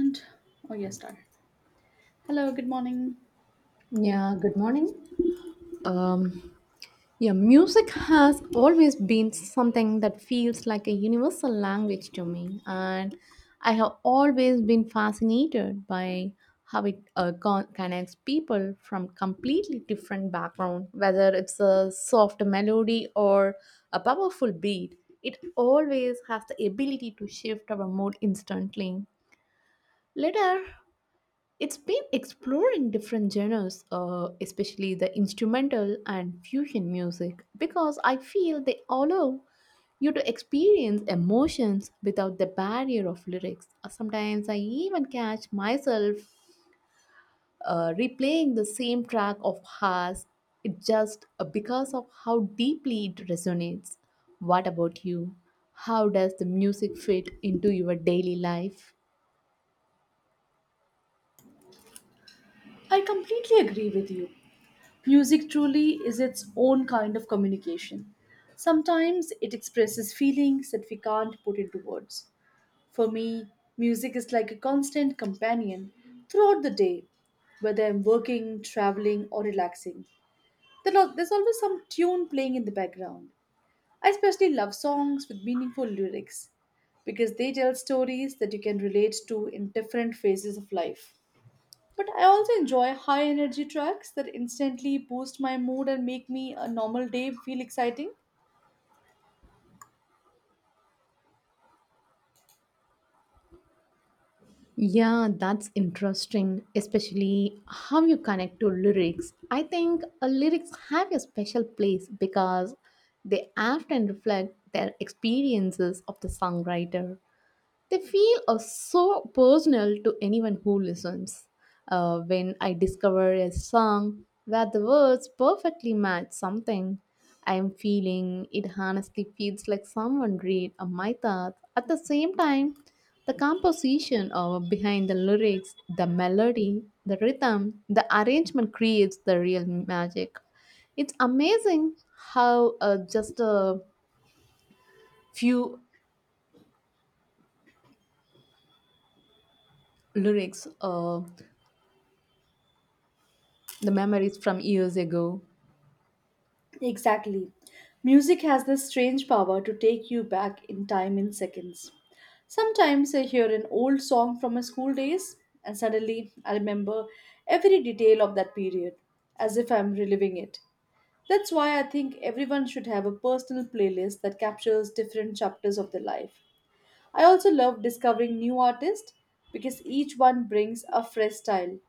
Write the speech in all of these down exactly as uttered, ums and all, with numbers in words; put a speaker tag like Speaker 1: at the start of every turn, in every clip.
Speaker 1: And oh yes, started. Hello, good morning.
Speaker 2: Yeah, good morning. Um, yeah, music has always been something that feels like a universal language to me, and I have always been fascinated by how it uh, con- connects people from completely different background, whether it's a soft melody or a powerful beat. It always has the ability to shift our mood instantly. Later, it's been exploring different genres, uh, especially the instrumental and fusion music, because I feel they allow you to experience emotions without the barrier of lyrics. Uh, Sometimes I even catch myself uh, replaying the same track of Haas, it just uh, because of how deeply it resonates. What about you? How does the music fit into your daily life?
Speaker 1: I completely agree with you. Music truly is its own kind of communication. Sometimes it expresses feelings that we can't put into words. For me, music is like a constant companion throughout the day, whether I'm working, traveling, or relaxing. There al- There's always some tune playing in the background. I especially love songs with meaningful lyrics because they tell stories that you can relate to in different phases of life. But I also enjoy high energy tracks that instantly boost my mood and make me a normal day feel exciting.
Speaker 2: Yeah, that's interesting, especially how you connect to lyrics. I think uh, lyrics have a special place because they often reflect their experiences of the songwriter. They feel uh, so personal to anyone who listens. Uh, when I discover a song where the words perfectly match something I am feeling, it honestly feels like someone read uh, my thoughts. At the same time, the composition uh, behind the lyrics, the melody, the rhythm, the arrangement creates the real magic. It's amazing how uh, just a few lyrics uh, the memories from years ago.
Speaker 1: Exactly. Music has this strange power to take you back in time in seconds. Sometimes I hear an old song from my school days and suddenly I remember every detail of that period as if I'm reliving it. That's why I think everyone should have a personal playlist that captures different chapters of their life. I also love discovering new artists because each one brings a fresh style,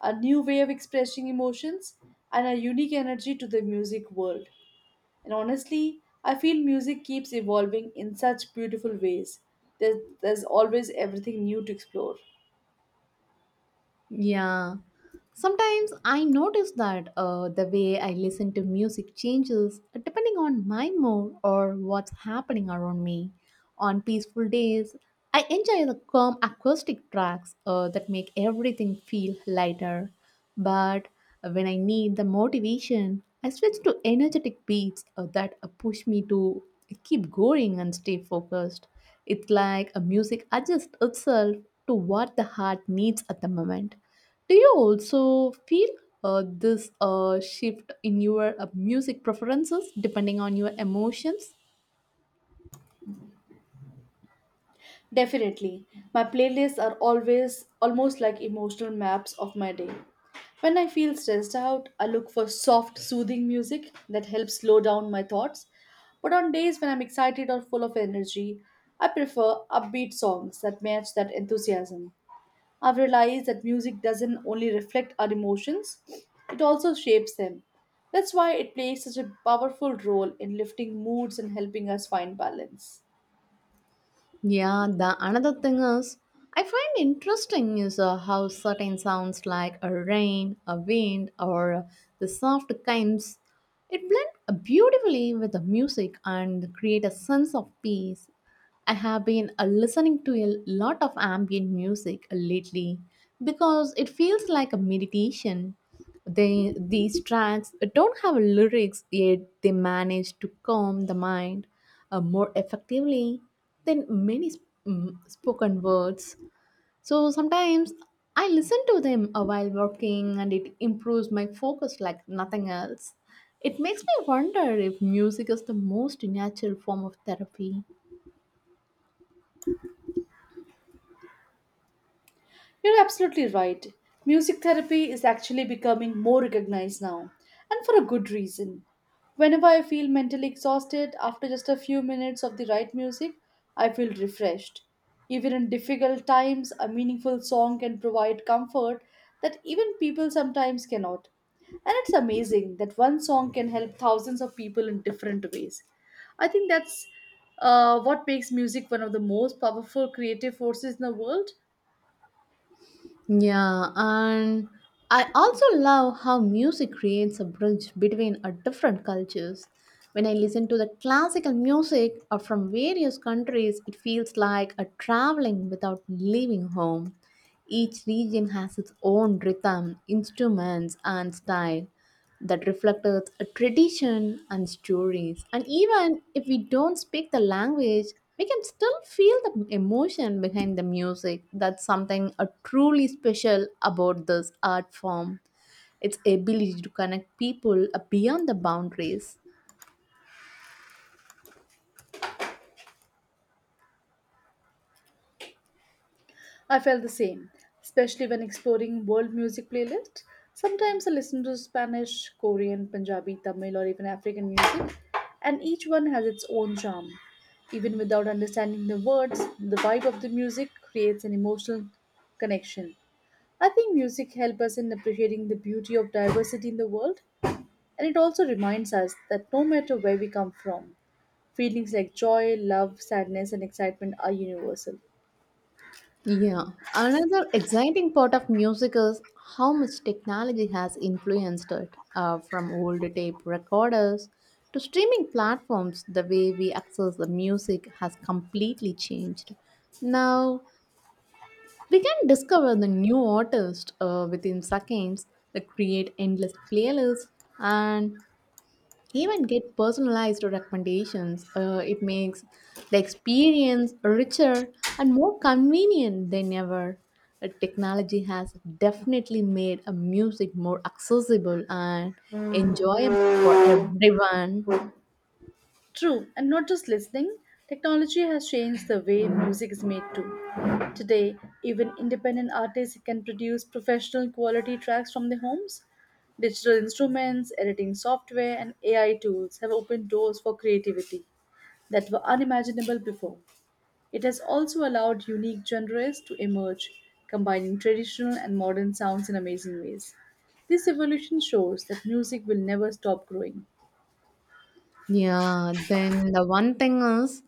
Speaker 1: a new way of expressing emotions, and a unique energy to the music world. And honestly, I feel music keeps evolving in such beautiful ways. There's, there's always everything new to explore.
Speaker 2: Yeah. Sometimes I notice that uh, the way I listen to music changes uh, depending on my mood or what's happening around me. On peaceful days, I enjoy the calm acoustic tracks uh, that make everything feel lighter. But when I need the motivation, I switch to energetic beats uh, that uh, push me to keep going and stay focused. It's like a music adjusts itself to what the heart needs at the moment. Do you also feel uh, this uh, shift in your uh, music preferences depending on your emotions?
Speaker 1: Definitely. My playlists are always almost like emotional maps of my day. When I feel stressed out, I look for soft, soothing music that helps slow down my thoughts. But on days when I'm excited or full of energy, I prefer upbeat songs that match that enthusiasm. I've realized that music doesn't only reflect our emotions, it also shapes them. That's why it plays such a powerful role in lifting moods and helping us find balance.
Speaker 2: Yeah, the another thing is I find interesting is uh, how certain sounds like a rain, a wind, or uh, the soft kinds it blend beautifully with the music and create a sense of peace. I have been uh, listening to a lot of ambient music lately because it feels like a meditation. They, these tracks don't have lyrics, yet they manage to calm the mind uh, more effectively than many sp- mm, spoken words. So sometimes I listen to them uh, while working and it improves my focus like nothing else. It makes me wonder if music is the most natural form of therapy.
Speaker 1: You're absolutely right. Music therapy is actually becoming more recognized now, and for a good reason. Whenever I feel mentally exhausted, after just a few minutes of the right music, I feel refreshed. Even in difficult times, a meaningful song can provide comfort that even people sometimes cannot. And it's amazing that one song can help thousands of people in different ways. I think that's uh, what makes music one of the most powerful creative forces in the world.
Speaker 2: Yeah, and I also love how music creates a bridge between our different cultures. When I listen to the classical music or from various countries, it feels like a traveling without leaving home. Each region has its own rhythm, instruments, and style that reflected a tradition and stories. And even if we don't speak the language, we can still feel the emotion behind the music. That's something uh, truly special about this art form. Its ability to connect people uh, beyond the boundaries.
Speaker 1: I felt the same, especially when exploring world music playlists. Sometimes I listen to Spanish, Korean, Punjabi, Tamil, or even African music, and each one has its own charm. Even without understanding the words, the vibe of the music creates an emotional connection. I think music helps us in appreciating the beauty of diversity in the world, and it also reminds us that no matter where we come from, feelings like joy, love, sadness, and excitement are universal.
Speaker 2: Yeah, another exciting part of music is how much technology has influenced it, uh, from old tape recorders to streaming platforms. The way we access the music has completely changed. Now we can discover the new artist uh, within seconds, uh, create endless playlists, and even get personalized recommendations. Uh, it makes the experience richer and more convenient than ever. Uh, Technology has definitely made a music more accessible and enjoyable for everyone.
Speaker 1: True, and not just listening, technology has changed the way music is made too. Today, even independent artists can produce professional quality tracks from their homes. Digital instruments, editing software, and A I tools have opened doors for creativity that were unimaginable before. It has also allowed unique genres to emerge, combining traditional and modern sounds in amazing ways. This evolution shows that music will never stop growing.
Speaker 2: Yeah, then the one thing is,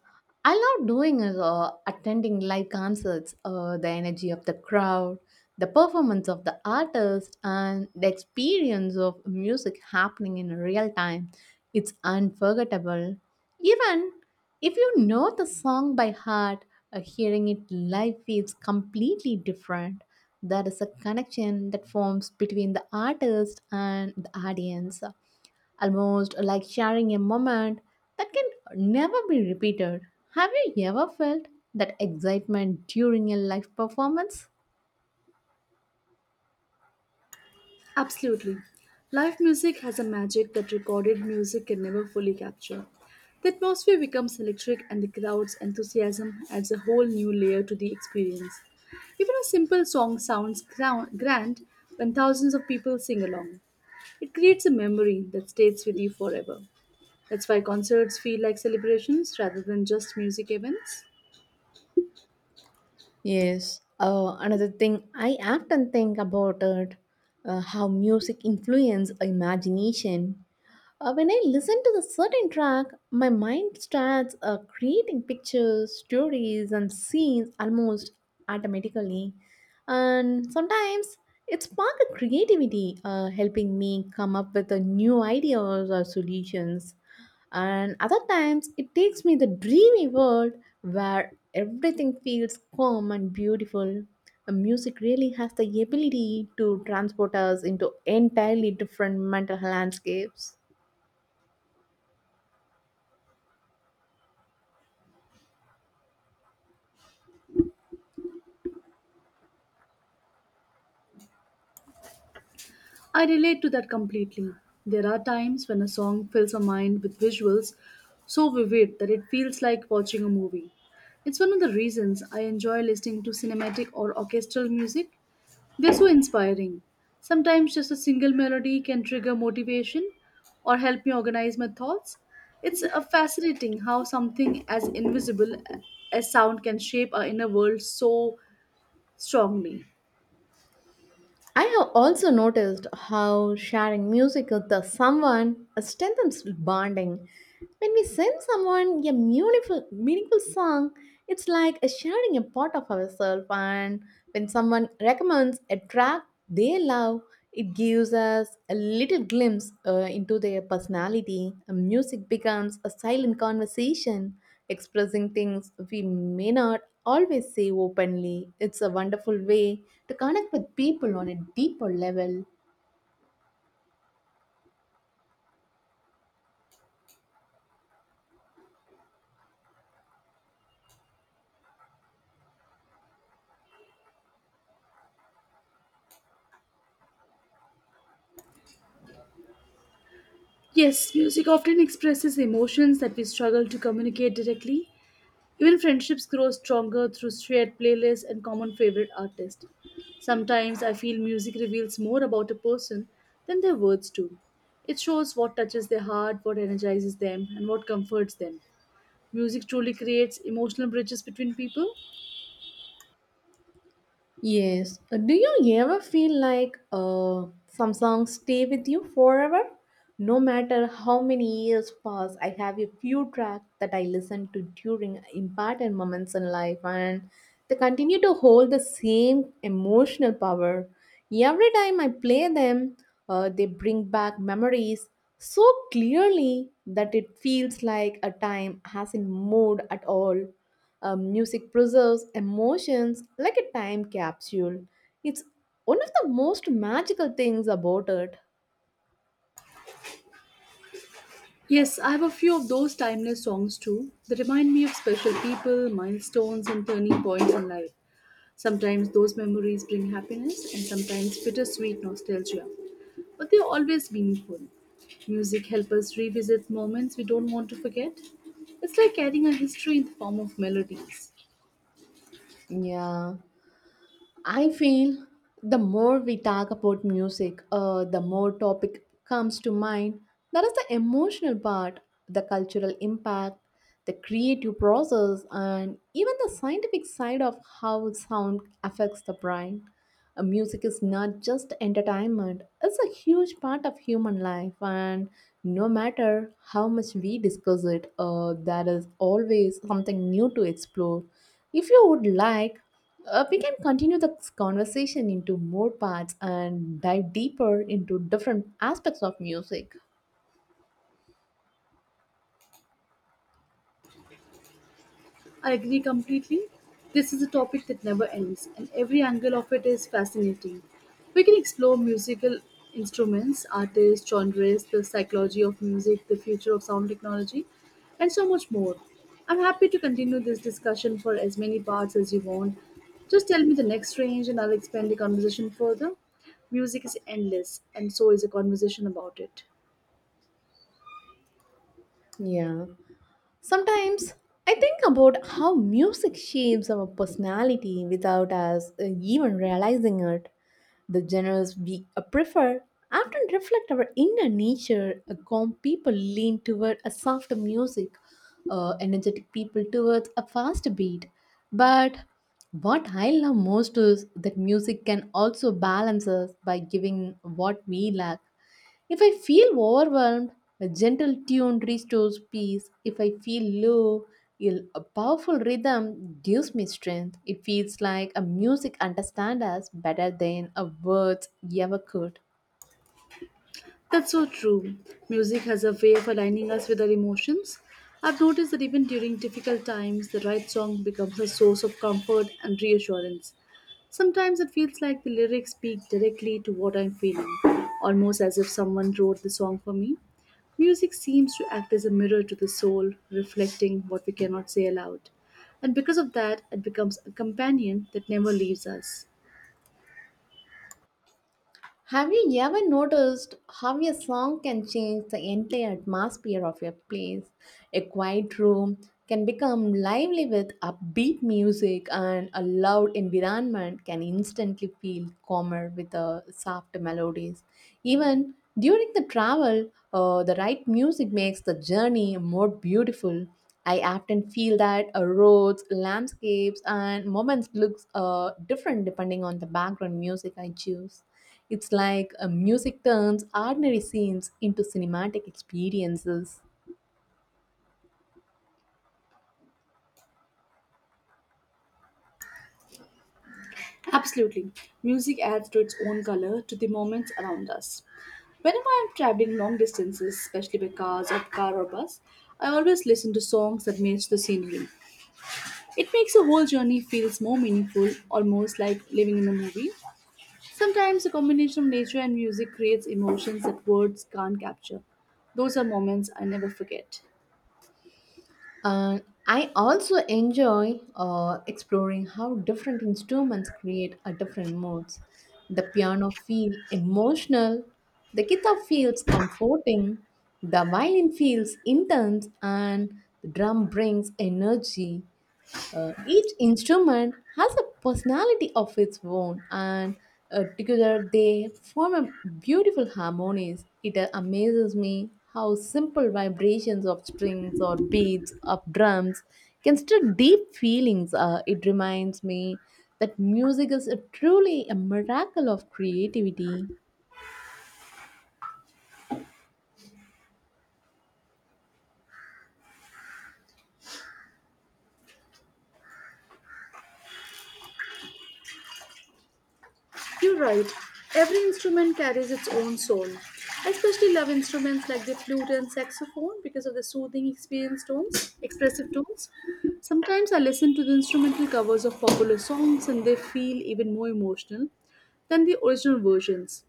Speaker 2: I love doing is uh, attending live concerts, uh, the energy of the crowd, the performance of the artist, and the experience of music happening in real time. It's unforgettable. Even if you know the song by heart, uh, hearing it live feels completely different. There is a connection that forms between the artist and the audience almost like sharing a moment that can never be repeated. Have you ever felt that excitement during a live performance?
Speaker 1: Absolutely. Live music has a magic that recorded music can never fully capture. The atmosphere becomes electric and the crowd's enthusiasm adds a whole new layer to the experience. Even a simple song sounds grou- grand when thousands of people sing along. It creates a memory that stays with you forever. That's why concerts feel like celebrations rather than just music events.
Speaker 2: Yes. Uh, another thing I often think about it, uh, how music influences imagination. Uh, when I listen to the certain track, my mind starts uh, creating pictures, stories, and scenes almost automatically. And sometimes it sparks creativity, uh, helping me come up with uh, new ideas or solutions and other times it takes me the dreamy world where everything feels calm and beautiful. The music really has the ability to transport us into entirely different mental landscapes.
Speaker 1: I relate to that completely. There are times when a song fills a mind with visuals so vivid that it feels like watching a movie. It's one of the reasons I enjoy listening to cinematic or orchestral music. They're so inspiring. Sometimes just a single melody can trigger motivation or help me organize my thoughts. It's uh, fascinating how something as invisible as sound can shape our inner world so strongly.
Speaker 2: I have also noticed how sharing music with the someone strengthens bonding. When we send someone a meaningful, meaningful song, it's like sharing a part of ourselves. And when someone recommends a track they love, it gives us a little glimpse uh, into their personality. And music becomes a silent conversation expressing things we may not always say openly. It's a wonderful way to connect with people on a deeper level.
Speaker 1: Yes, music often expresses emotions that we struggle to communicate directly. Even friendships grow stronger through shared playlists and common favorite artists. Sometimes I feel music reveals more about a person than their words do. It shows what touches their heart, what energizes them, and what comforts them. Music truly creates emotional bridges between people.
Speaker 2: Yes. Uh, Do you ever feel like uh, some songs stay with you forever? No matter how many years pass, I have a few tracks that I listen to during important moments in life and they continue to hold the same emotional power. Every time I play them, uh, they bring back memories so clearly that it feels like a time hasn't moved at all. Um, music preserves emotions like a time capsule. It's one of the most magical things about it.
Speaker 1: Yes, I have a few of those timeless songs too that remind me of special people, milestones, and turning points in life. Sometimes those memories bring happiness and sometimes bittersweet nostalgia, but they are always meaningful. Music helps us revisit moments we don't want to forget. It's like carrying a history in the form of melodies.
Speaker 2: Yeah, I feel the more we talk about music, uh, the more topic comes to mind. That is the emotional part, the cultural impact, the creative process, and even the scientific side of how sound affects the brain. Uh, Music is not just entertainment, it's a huge part of human life, and no matter how much we discuss it, uh, there is always something new to explore. If you would like, uh, we can continue this conversation into more parts and dive deeper into different aspects of music.
Speaker 1: I agree completely. This is a topic that never ends, and every angle of it is fascinating. We can explore musical instruments, artists, genres, the psychology of music, the future of sound technology, and so much more. I'm happy to continue this discussion for as many parts as you want. Just tell me the next range, and I'll expand the conversation further. Music is endless, and so is a conversation about it.
Speaker 2: Yeah. Sometimes I think about how music shapes our personality without us uh, even realizing it. The genres we uh, prefer often reflect our inner nature. Uh, Calm people lean toward a softer music, uh, energetic people towards a faster beat. But what I love most is that music can also balance us by giving what we lack. If I feel overwhelmed, a gentle tune restores peace. If I feel low, il- a powerful rhythm gives me strength. It feels like a music understands us better than a words ever could.
Speaker 1: That's so true. Music has a way of aligning us with our emotions. I've noticed that even during difficult times, the right song becomes a source of comfort and reassurance. Sometimes it feels like the lyrics speak directly to what I'm feeling, almost as if someone wrote the song for me. Music seems to act as a mirror to the soul, reflecting what we cannot say aloud. And because of that, it becomes a companion that never leaves us.
Speaker 2: Have you ever noticed how a song can change the entire atmosphere of a place? A quiet room can become lively with upbeat music, and a loud environment can instantly feel calmer with the soft melodies. Even during the travel, uh, the right music makes the journey more beautiful. I often feel that uh, roads, landscapes, and moments looks uh, different depending on the background music I choose. It's like a music turns ordinary scenes into cinematic experiences.
Speaker 1: Absolutely. Music adds to its own color to the moments around us. Whenever I'm traveling long distances, especially by cars or car or bus, I always listen to songs that match the scenery. It makes the whole journey feels more meaningful, almost like living in a movie. Sometimes a combination of nature and music creates emotions that words can't capture. Those are moments I never forget.
Speaker 2: And I also enjoy uh, exploring how different instruments create a different moods. The piano feels emotional, the guitar feels comforting, the violin feels intense, and the drum brings energy. Uh, each instrument has a personality of its own, and uh, together they form a beautiful harmonies. It uh, amazes me how simple vibrations of strings or beats of drums can stir deep feelings. Uh, it reminds me that music is a truly a miracle of creativity.
Speaker 1: You're right. Every instrument carries its own soul. I especially love instruments like the flute and saxophone because of the soothing experience tones, expressive tones. Sometimes I listen to the instrumental covers of popular songs and they feel even more emotional than the original versions.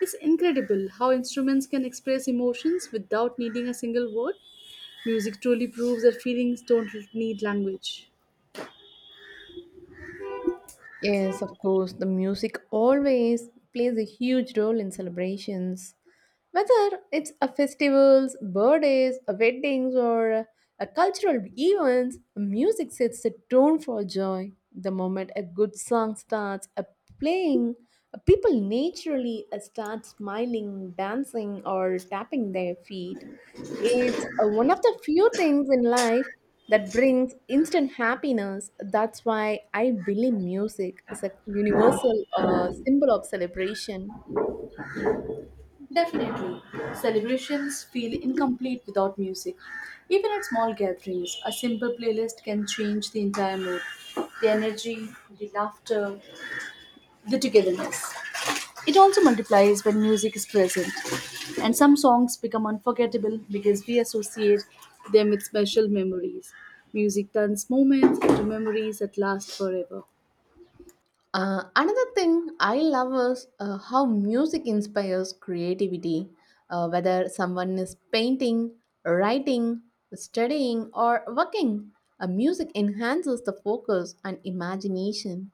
Speaker 1: It's incredible how instruments can express emotions without needing a single word. Music truly proves that feelings don't need language.
Speaker 2: Yes, of course, the music always plays a huge role in celebrations. Whether it's a festivals, birthdays, a weddings, or a cultural events, music sets the tone for joy. The moment a good song starts a playing, people naturally uh, start smiling, dancing, or tapping their feet. It's uh, one of the few things in life that brings instant happiness. That's why I believe music is a universal uh, symbol of celebration.
Speaker 1: Definitely. Celebrations feel incomplete without music. Even at small gatherings, a simple playlist can change the entire mood, the energy, the laughter, the togetherness. It also multiplies when music is present. And some songs become unforgettable because we associate them with special memories. Music turns moments into memories that last forever.
Speaker 2: Uh, another thing I love is uh, how music inspires creativity, uh, whether someone is painting, writing, studying, or working. Uh, music enhances the focus and imagination.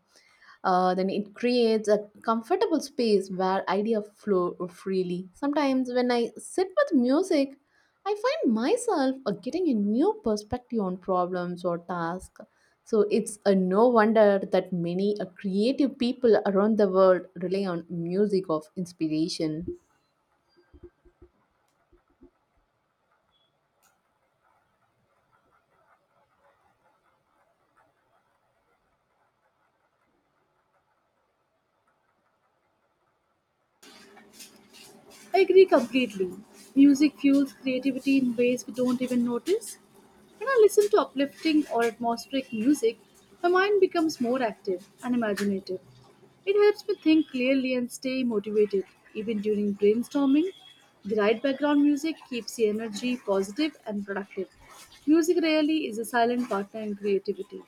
Speaker 2: Uh, then it creates a comfortable space where ideas flow freely. Sometimes when I sit with music, I find myself uh, getting a new perspective on problems or tasks. So it's a no wonder that many uh, creative people around the world rely on music of inspiration.
Speaker 1: I agree completely. Music fuels creativity in ways we don't even notice. When I listen to uplifting or atmospheric music, my mind becomes more active and imaginative. It helps me think clearly and stay motivated, even during brainstorming. The right background music keeps the energy positive and productive. Music really is a silent partner in creativity.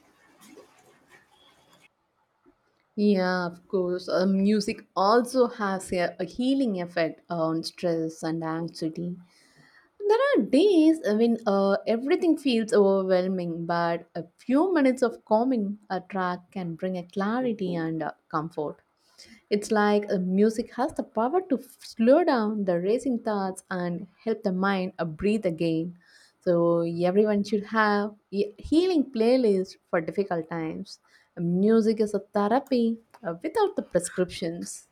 Speaker 2: Yeah, of course. Uh, music also has a, a healing effect on stress and anxiety. There are days when uh, everything feels overwhelming, but a few minutes of calming a track can bring a clarity and uh, comfort. It's like uh, music has the power to f- slow down the racing thoughts and help the mind uh, breathe again. So everyone should have a healing playlist for difficult times. Music is a therapy uh, without the prescriptions.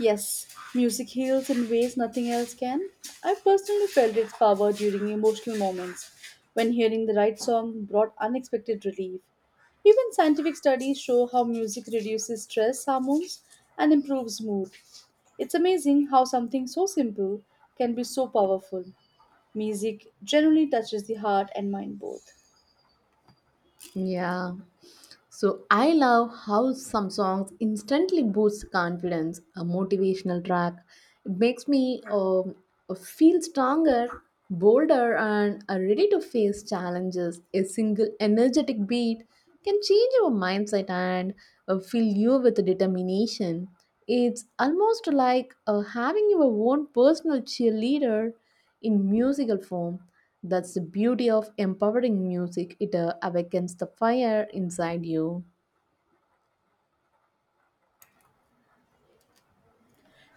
Speaker 1: Yes, music heals in ways nothing else can. I personally felt its power during emotional moments when hearing the right song brought unexpected relief. Even scientific studies show how music reduces stress hormones and improves mood. It's amazing how something so simple can be so powerful. Music generally touches the heart and mind both.
Speaker 2: Yeah. So I love how some songs instantly boost confidence. A motivational track, it makes me um, feel stronger, bolder, and uh, ready to face challenges. A single energetic beat can change your mindset and uh, fill you with determination. It's almost like uh, having your own personal cheerleader in musical form. That's the beauty of empowering music, it uh, awakens the fire inside you.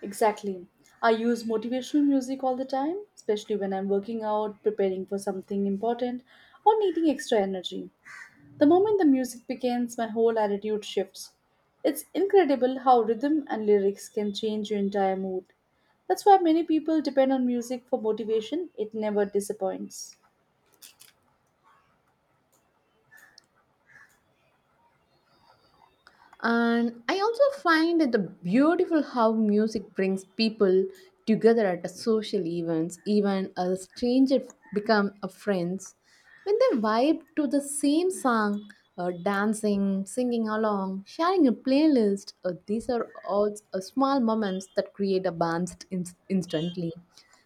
Speaker 1: Exactly. I use motivational music all the time, especially when I'm working out, preparing for something important, or needing extra energy. The moment the music begins, my whole attitude shifts. It's incredible how rhythm and lyrics can change your entire mood. That's why many people depend on music for motivation, it never disappoints.
Speaker 2: And I also find it the beautiful how music brings people together at a social events, even a stranger become a friends. When they vibe to the same song, uh, dancing, singing along, sharing a playlist, uh, these are all uh, small moments that create a bond in- instantly.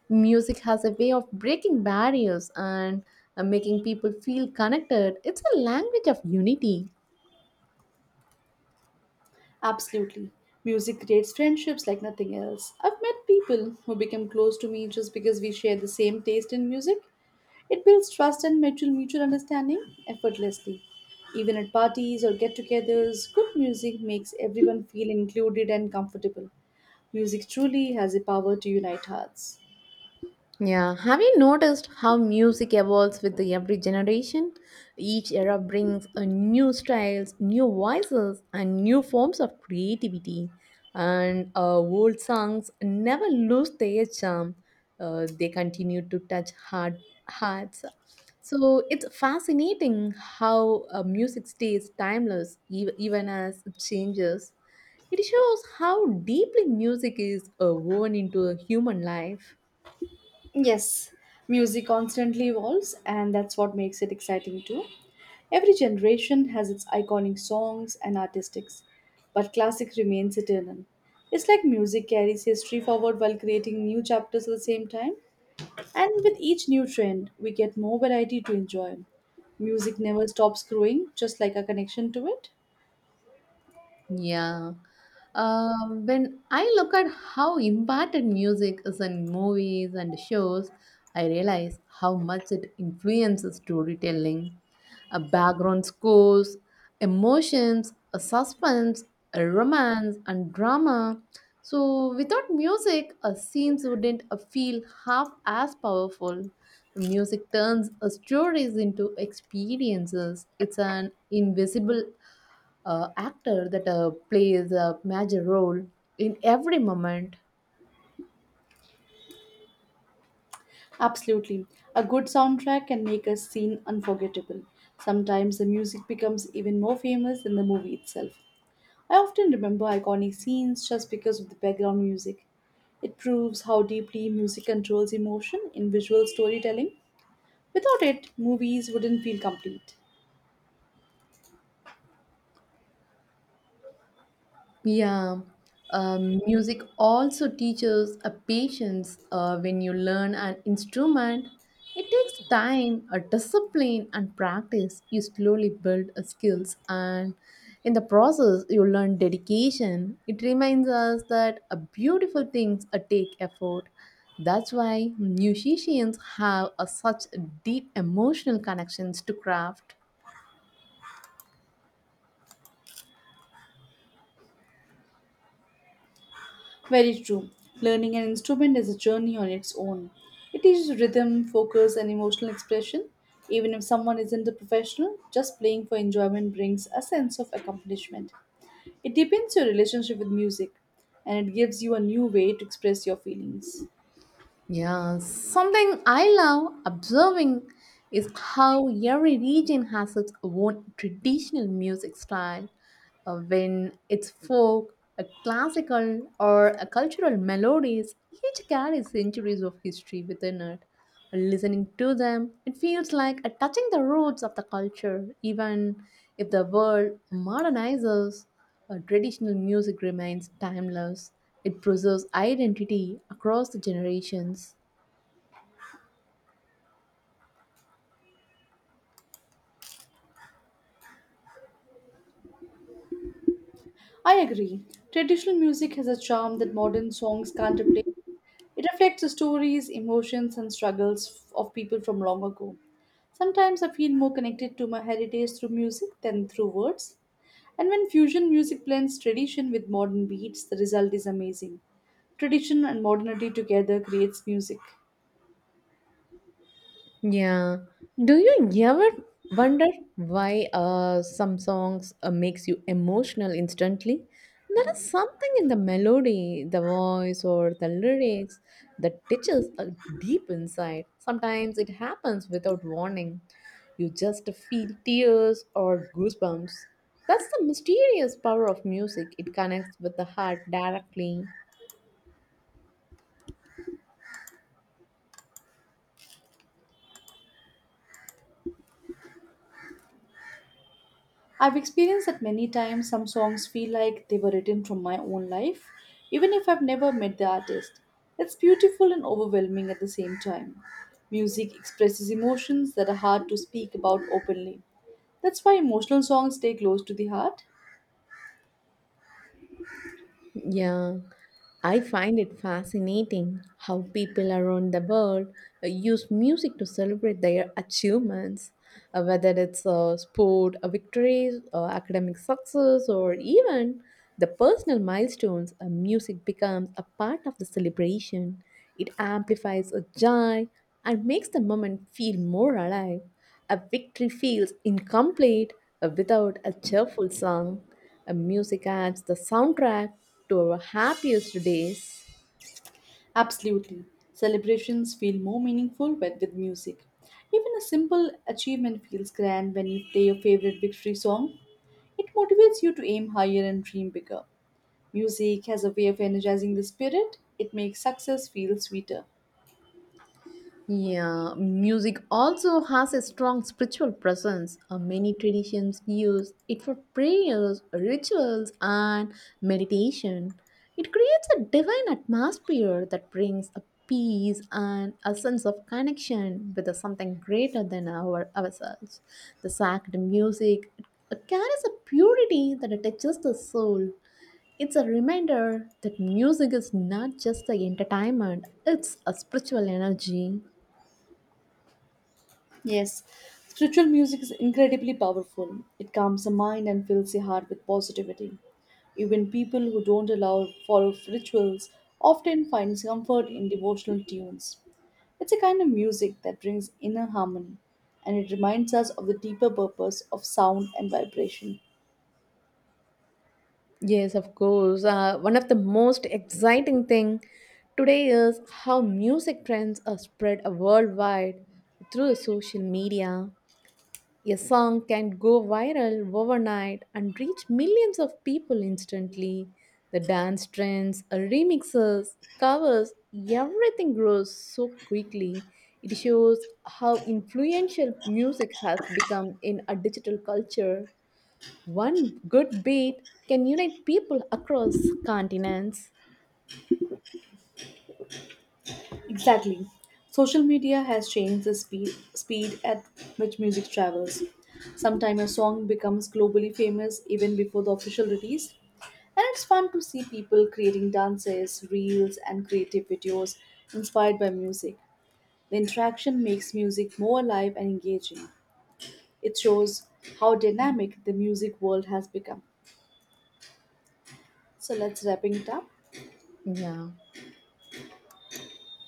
Speaker 2: Music has a way of breaking barriers and uh, making people feel connected. It's a language of unity.
Speaker 1: Absolutely. Music creates friendships like nothing else. I've met people who become close to me just because we share the same taste in music. It builds trust and mutual mutual understanding effortlessly. Even at parties or get-togethers, good music makes everyone feel included and comfortable. Music truly has a power to unite hearts.
Speaker 2: Yeah, have you noticed how music evolves with the every generation? Each era brings a new styles, new voices, and new forms of creativity. And uh, old songs never lose their charm. Uh, they continue to touch heart, hearts. So it's fascinating how uh, music stays timeless ev- even as it changes. It shows how deeply music is uh, woven into a human life.
Speaker 1: Yes, music constantly evolves, and that's what makes it exciting too. Every generation has its iconic songs and artistics, but classic remains eternal. It's like music carries history forward while creating new chapters at the same time. And with each new trend, we get more variety to enjoy. Music never stops growing, just like our connection to it.
Speaker 2: Yeah. Um, when I look at how important music is in movies and shows, I realize how much it influences storytelling, a background scores, emotions, a suspense, a romance, and drama. So, without music, a scenes wouldn't uh, feel half as powerful. Music turns uh, stories into experiences. It's an invisible uh, actor that uh, plays a major role in every moment.
Speaker 1: Absolutely. A good soundtrack can make a scene unforgettable. Sometimes the music becomes even more famous than the movie itself. I often remember iconic scenes just because of the background music. It proves how deeply music controls emotion in visual storytelling. Without it, movies wouldn't feel complete.
Speaker 2: Yeah, um, music also teaches a patience. Uh, when you learn an instrument, it takes time, a discipline, and practice. You slowly build a skills, and in the process, you learn dedication. It reminds us that a beautiful things a take effort. That's why musicians have a such deep emotional connections to craft.
Speaker 1: Very true. Learning an instrument is a journey on its own. It teaches rhythm, focus, and emotional expression. Even if someone isn't a professional, just playing for enjoyment brings a sense of accomplishment. It deepens your relationship with music and it gives you a new way to express your feelings.
Speaker 2: Yeah, something I love observing is how every region has its own traditional music style. Uh, when it's folk, a classical, or a cultural melodies, each carries centuries of history within it. Listening to them, it feels like a touching the roots of the culture, even if the world modernizes. Uh, traditional music remains timeless. It preserves identity across the generations.
Speaker 1: I agree. Traditional music has a charm that modern songs can't replace. It reflects the stories, emotions, and struggles of people from long ago. Sometimes I feel more connected to my heritage through music than through words. And when fusion music blends tradition with modern beats, the result is amazing. Tradition and modernity together creates music.
Speaker 2: Yeah. Do you ever wonder why uh, some songs uh, makes you emotional instantly? There is something in the melody, the voice, or the lyrics that touches uh, deep inside. Sometimes it happens without warning. You just feel tears or goosebumps. That's the mysterious power of music. It connects with the heart directly.
Speaker 1: I've experienced that many times. Some songs feel like they were written from my own life, even if I've never met the artist. It's beautiful and overwhelming at the same time. Music expresses emotions that are hard to speak about openly. That's why emotional songs stay close to the heart.
Speaker 2: Yeah, I find it fascinating how people around the world uh, use music to celebrate their achievements, uh, whether it's uh, sport uh, victories, or academic success, or even the personal milestones. Uh, music becomes a part of the celebration. It amplifies a joy and makes the moment feel more alive. A victory feels incomplete uh, without a cheerful song. And music adds the soundtrack to our happiest days.
Speaker 1: Absolutely. Celebrations feel more meaningful when with music. Even a simple achievement feels grand when you play your favorite victory song. It motivates you to aim higher and dream bigger. Music has a way of energizing the spirit, it makes success feel sweeter.
Speaker 2: Yeah, music also has a strong spiritual presence. Uh, many traditions use it for prayers, rituals, and meditation. It creates a divine atmosphere that brings a peace and a sense of connection with something greater than our ourselves. The sacred music carries a purity that touches the soul. It's a reminder that music is not just the entertainment, it's a spiritual energy.
Speaker 1: Yes, spiritual music is incredibly powerful. It calms the mind and fills the heart with positivity. Even people who don't allow follow rituals often find comfort in devotional tunes. It's a kind of music that brings inner harmony and it reminds us of the deeper purpose of sound and vibration.
Speaker 2: Yes, of course. Uh, one of the most exciting thing today is how music trends are spread worldwide through social media. A song can go viral overnight and reach millions of people instantly. The dance trends, uh, remixes, covers, everything grows so quickly. It shows how influential music has become in a digital culture. One good beat can unite people across continents.
Speaker 1: Exactly. Social media has changed the speed, speed at which music travels. Sometimes a song becomes globally famous even before the official release, and it's fun to see people creating dances, reels, and creative videos inspired by music. The interaction makes music more alive and engaging. It shows how dynamic the music world has become. So let's wrapping it up.
Speaker 2: Yeah.